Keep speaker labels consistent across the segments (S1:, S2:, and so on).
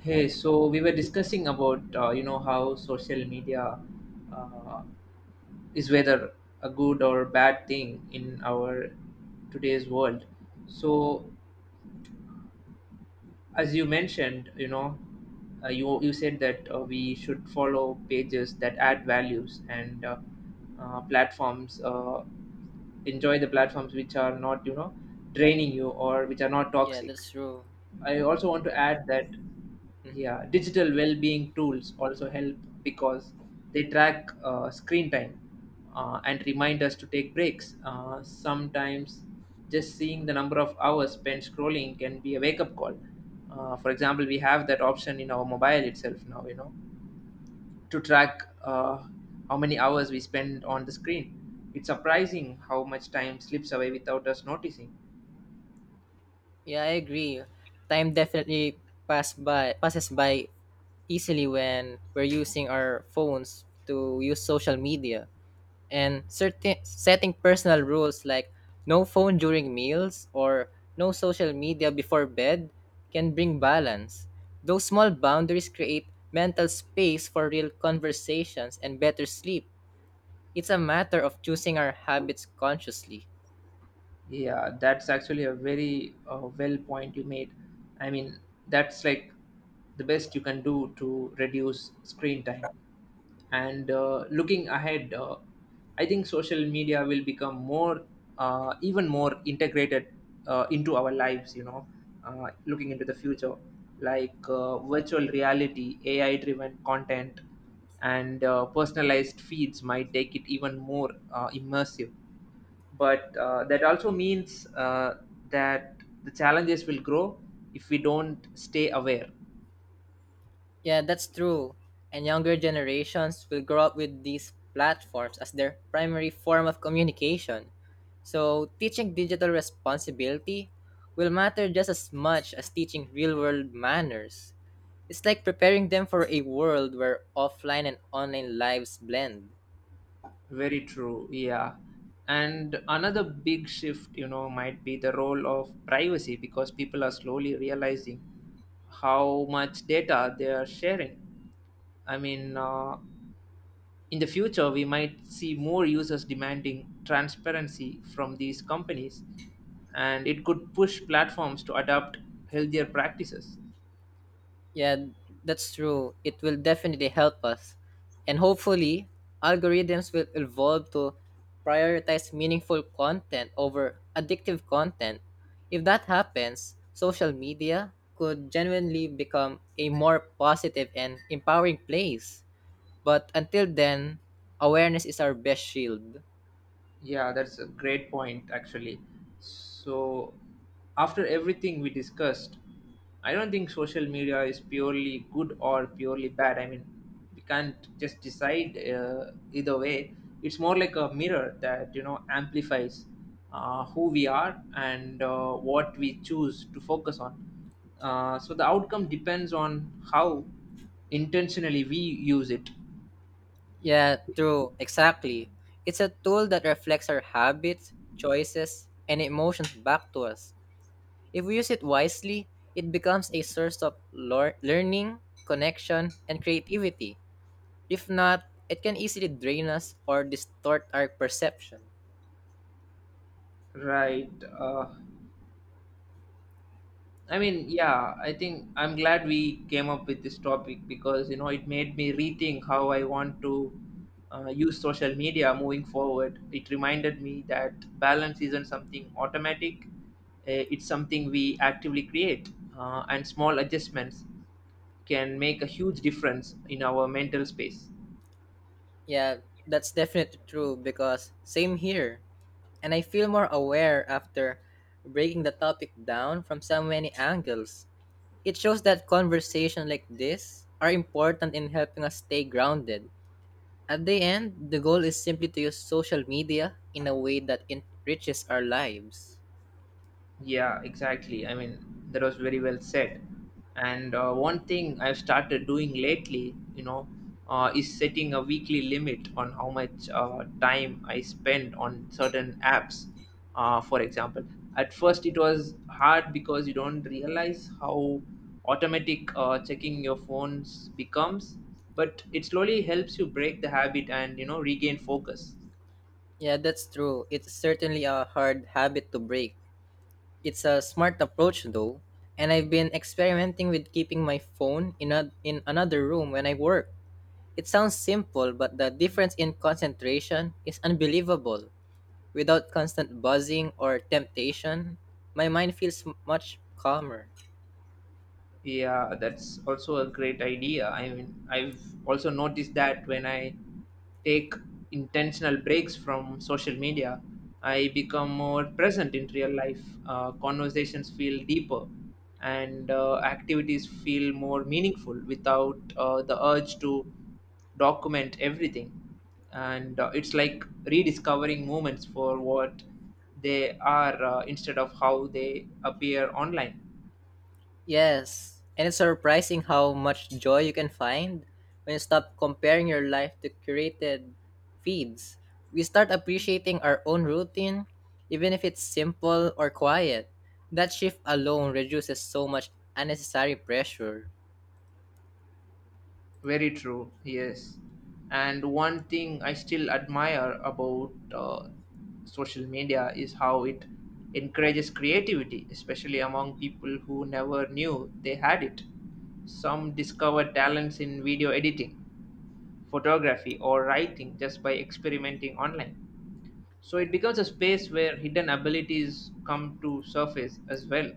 S1: Hey, so we were discussing about you know, how social media uh, is whether a good or bad thing in our today's world. So as you mentioned, you know, you said that we should follow pages that add values and platforms enjoy the platforms which are not, you know, draining you or which are not
S2: Yeah,
S1: toxic.
S2: that's true.
S1: I also want to add that,
S2: Mm.
S1: yeah, digital well-being tools also help because they track screen time, and remind us to take breaks. Sometimes just seeing the number of hours spent scrolling can be a wake-up call. For example, we have that option in our mobile itself now, you know, to track how many hours we spend on the screen. It's surprising how much time slips away without us noticing.
S2: Yeah, I agree. Time definitely passes by easily when we're using our phones to use social media. And certain setting personal rules like no phone during meals or no social media before bed can bring balance. Those small boundaries create mental space for real conversations and better sleep. It's a matter of choosing our habits consciously.
S1: Yeah, that's actually a very well point you made. I mean, that's like the best you can do to reduce screen time. And looking ahead, I think social media will become more, even more integrated into our lives, you know, looking into the future, like virtual reality, AI driven content, and personalized feeds might take it even more immersive, but that also means that the challenges will grow if we don't stay aware.
S2: Yeah, that's true. And younger generations will grow up with these platforms as their primary form of communication. So, teaching digital responsibility will matter just as much as teaching real world manners. It's like preparing them for a world where offline and online lives blend.
S1: Very true, yeah. And another big shift, you know, might be the role of privacy because people are slowly realizing how much data they are sharing. I mean, in the future we might see more users demanding transparency from these companies, and it could push platforms to adopt healthier practices.
S2: Yeah, that's true. It will definitely help us. And hopefully, algorithms will evolve to prioritize meaningful content over addictive content. If that happens, social media could genuinely become a more positive and empowering place. But until then, awareness is our best shield.
S1: Yeah, that's a great point, actually. So, after everything we discussed, I don't think social media is purely good or purely bad. I mean, we can't just decide, either way. It's more like a mirror that, you know, amplifies who we are and what we choose to focus on. So, the outcome depends on how intentionally we use it.
S2: Yeah, true. Exactly. It's a tool that reflects our habits, choices, and emotions back to us. If we use it wisely, it becomes a source of learning, connection, and creativity. If not, it can easily drain us or distort our perception.
S1: Right. I mean, yeah, I think I'm glad we came up with this topic because, you know, it made me rethink how I want to use social media moving forward. It reminded me that balance isn't something automatic, it's something we actively create, and small adjustments can make a huge difference in our mental space.
S2: Yeah, that's definitely true because same here. And I feel more aware after breaking the topic down from so many angles. It shows that conversation like this are important in helping us stay grounded. At the end, the goal is simply to use social media in a way that enriches our lives.
S1: Yeah, exactly. I mean, that was very well said. And one thing I've started doing lately, you know, is setting a weekly limit on how much time I spend on certain apps. For example, at first it was hard because you don't realize how automatic checking your phones becomes, but it slowly helps you break the habit and, you know, regain focus.
S2: Yeah, that's true. It's certainly a hard habit to break. It's a smart approach though, and I've been experimenting with keeping my phone in another room when I work. It sounds simple, but the difference in concentration is unbelievable. Without constant buzzing or temptation, my mind feels much calmer.
S1: Yeah, that's also a great idea. I mean, I've also noticed that when I take intentional breaks from social media, I become more present in real life. Conversations feel deeper, and activities feel more meaningful without the urge to document everything. And it's like rediscovering moments for what they are, instead of how they appear online.
S2: Yes, and it's surprising how much joy you can find when you stop comparing your life to curated feeds. We start appreciating our own routine, even if it's simple or quiet. That shift alone reduces so much unnecessary pressure.
S1: Very true, yes. And one thing I still admire about social media is how it encourages creativity, especially among people who never knew they had it. Some discover talents in video editing, photography, or writing just by experimenting online. So it becomes a space where hidden abilities come to surface as well.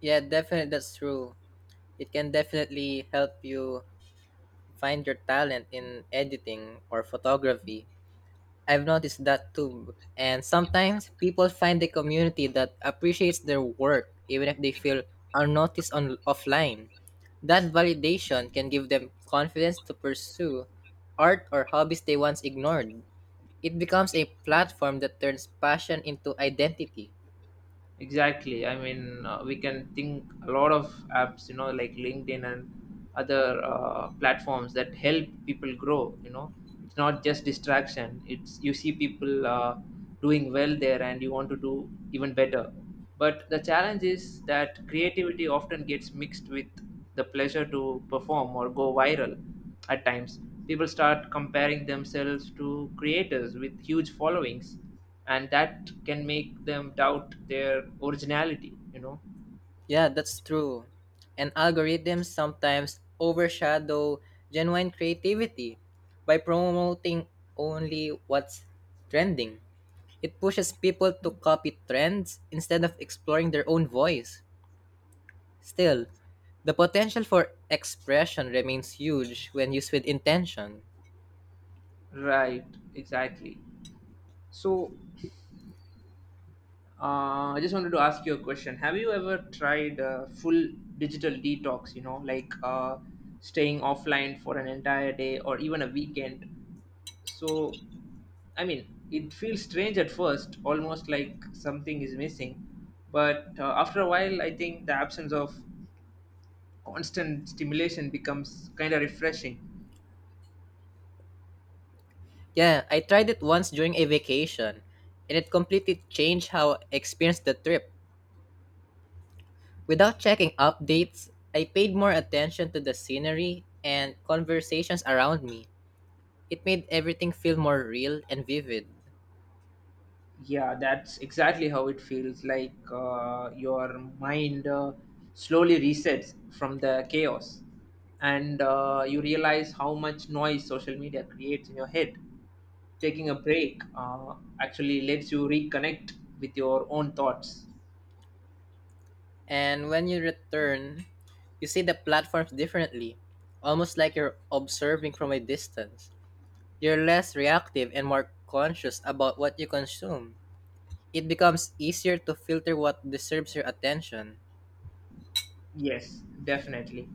S2: Yeah, definitely, that's true. It can definitely help you find your talent in editing or photography. I've noticed that too. And sometimes people find a community that appreciates their work even if they feel unnoticed on offline. That validation can give them confidence to pursue art or hobbies they once ignored. It becomes a platform that turns passion into identity.
S1: Exactly. I mean, we can think a lot of apps, you know, like LinkedIn and other platforms that help people grow. You know, it's not just distraction. It's you see people doing well there, and you want to do even better. But the challenge is that creativity often gets mixed with the pleasure to perform or go viral. At times, people start comparing themselves to creators with huge followings, and that can make them doubt their originality, you know.
S2: Yeah, that's true. And algorithms sometimes overshadow genuine creativity by promoting only what's trending. It pushes people to copy trends instead of exploring their own voice. Still, the potential for expression remains huge when used with intention.
S1: Right, exactly. So, I just wanted to ask you a question. Have you ever tried a full digital detox, you know, like staying offline for an entire day or even a weekend? So, I mean, it feels strange at first, almost like something is missing. But after a while, I think the absence of constant stimulation becomes kind of refreshing.
S2: Yeah, I tried it once during a vacation, and it completely changed how I experienced the trip. Without checking updates, I paid more attention to the scenery and conversations around me. It made everything feel more real and vivid.
S1: Yeah, that's exactly how it feels. Like your mind slowly resets from the chaos, and you realize how much noise social media creates in your head. Taking a break actually lets you reconnect with your own thoughts.
S2: And when you return, you see the platforms differently, almost like you're observing from a distance. You're less reactive and more conscious about what you consume. It becomes easier to filter what deserves your attention.
S1: Yes, definitely.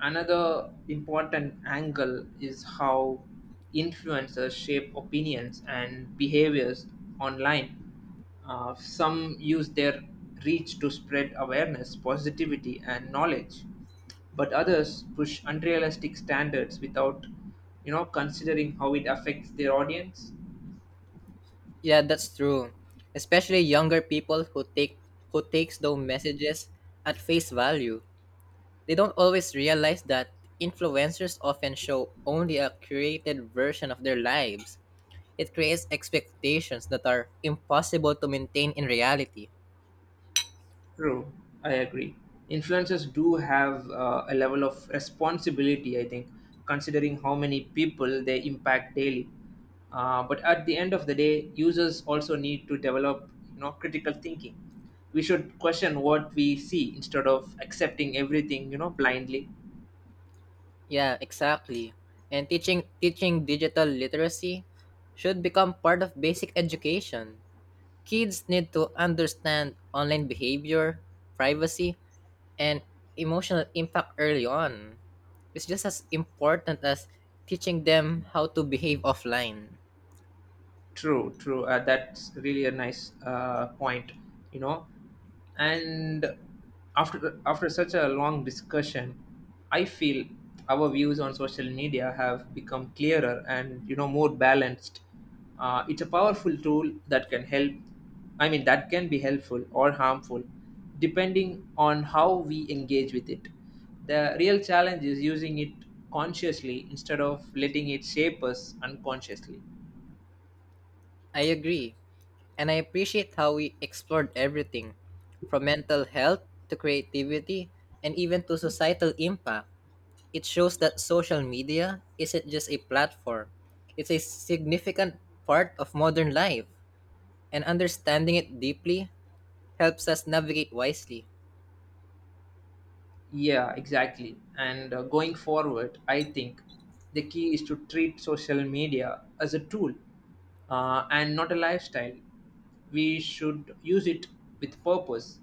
S1: Another important angle is how influencers shape opinions and behaviors online. Some use their reach to spread awareness, positivity, and knowledge, but others push unrealistic standards without, you know, considering how it affects their audience.
S2: Yeah, that's true. Especially younger people who takes those messages at face value. They don't always realize that influencers often show only a curated version of their lives. It creates expectations that are impossible to maintain in reality.
S1: True, I agree. Influencers do have a level of responsibility, I think, considering how many people they impact daily. But at the end of the day, users also need to develop, you know, critical thinking. We should question what we see instead of accepting everything, you know, blindly.
S2: Yeah, exactly. And teaching digital literacy should become part of basic education. Kids need to understand online behavior, privacy, and emotional impact early on. It's just as important as teaching them how to behave offline.
S1: True, true. That's really a nice point, you know. And after such a long discussion, I feel our views on social media have become clearer and, you know, more balanced. It's a powerful tool that can help. I mean, that can be helpful or harmful, depending on how we engage with it. The real challenge is using it consciously instead of letting it shape us unconsciously.
S2: I agree. And I appreciate how we explored everything from mental health to creativity and even to societal impact. It shows that social media isn't just a platform, it's a significant part of modern life. And understanding it deeply helps us navigate wisely.
S1: Yeah, exactly. And going forward, I think the key is to treat social media as a tool, and not a lifestyle. We should use it with purpose,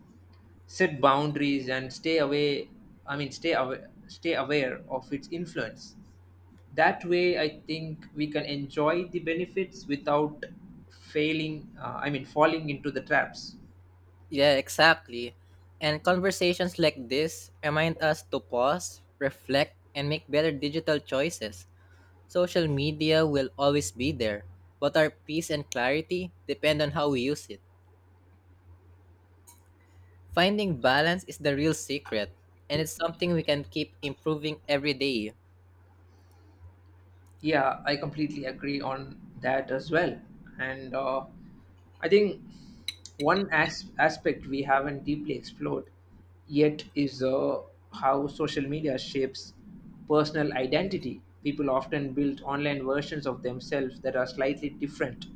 S1: set boundaries, and stay away. I mean, stay aware of its influence. That way, I think we can enjoy the benefits without failing. I mean, falling into the traps.
S2: Yeah, exactly. And conversations like this remind us to pause, reflect, and make better digital choices. Social media will always be there, but our peace and clarity depend on how we use it. Finding balance is the real secret, and it's something we can keep improving every day.
S1: Yeah, I completely agree on that as well. And I think one aspect we haven't deeply explored yet is, how social media shapes personal identity. People often build online versions of themselves that are slightly different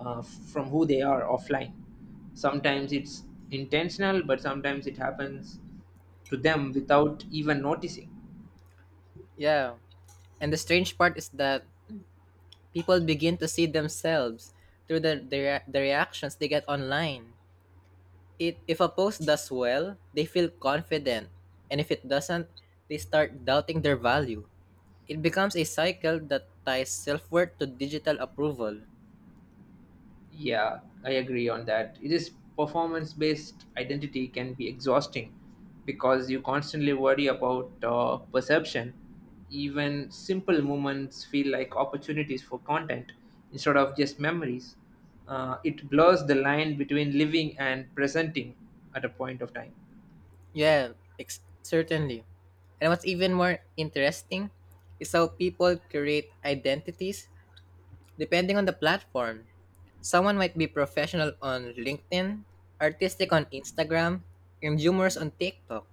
S1: from who they are offline. Sometimes it's intentional, but sometimes it happens to them without even noticing.
S2: Yeah. And the strange part is that people begin to see themselves through the reactions they get online. If a post does well, they feel confident, and if it doesn't, they start doubting their value. It becomes a cycle that ties self worth to digital approval.
S1: Yeah, I agree on that. It is. Performance based identity can be exhausting because you constantly worry about perception. Even simple moments feel like opportunities for content instead of just memories. It blurs the line between living and presenting at a point of time.
S2: Yeah, certainly. And what's even more interesting is how people create identities depending on the platform. Someone might be professional on LinkedIn, artistic on Instagram, and humorous on TikTok.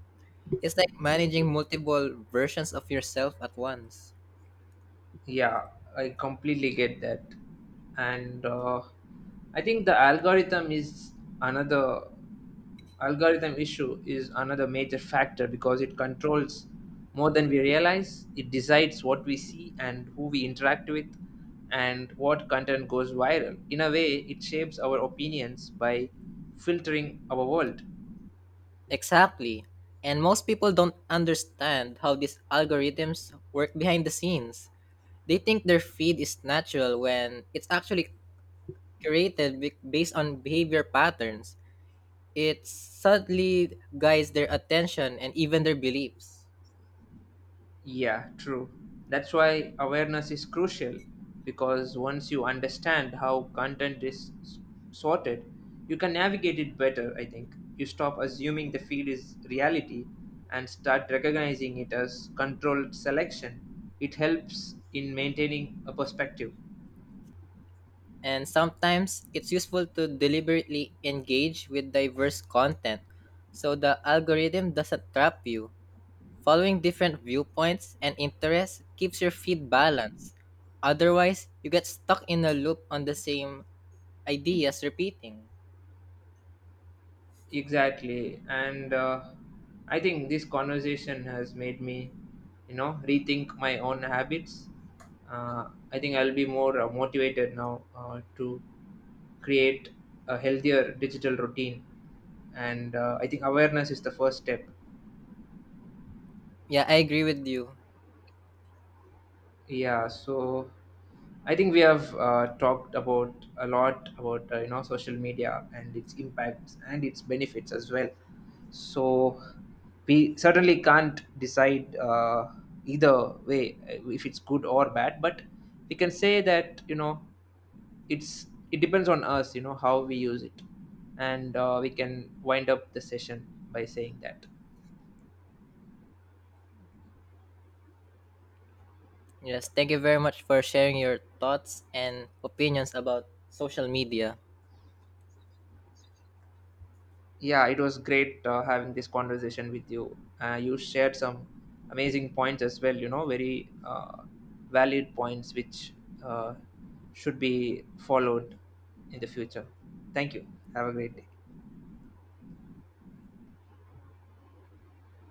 S2: It's like managing multiple versions of yourself at once.
S1: Yeah, I completely get that. And I think the algorithm is another Algorithm issue is another major factor because it controls more than we realize. It decides what we see and who we interact with and what content goes viral. In a way, it shapes our opinions by filtering our world.
S2: Exactly. And most people don't understand how these algorithms work behind the scenes. They think their feed is natural when it's actually based on behavior patterns. It subtly guides their attention and even their beliefs.
S1: Yeah, true. That's why awareness is crucial because once you understand how content is sorted, you can navigate it better, I think. You stop assuming the field is reality and start recognizing it as controlled selection. It helps in maintaining a perspective.
S2: And sometimes it's useful to deliberately engage with diverse content so the algorithm doesn't trap you. Following different viewpoints and interests keeps your feed balanced. Otherwise, you get stuck in a loop on the same ideas repeating.
S1: Exactly. And I think this conversation has made me, you know, rethink my own habits. Uh, I think I'll be more motivated now to create a healthier digital routine. And I think awareness is the first step.
S2: Yeah, I agree with you.
S1: Yeah, so I think we have talked about a lot about you know, social media and its impacts and its benefits as well. So we certainly can't decide, either way, if it's good or bad, but we can say that, you know, it depends on us, you know, how we use it, and we can wind up the session by saying that.
S2: Yes, thank you very much for sharing your thoughts and opinions about social media.
S1: Yeah, it was great having this conversation with you. You shared some amazing points as well, you know, very valid points which uh, should be followed in the future. Thank you. Have a great day.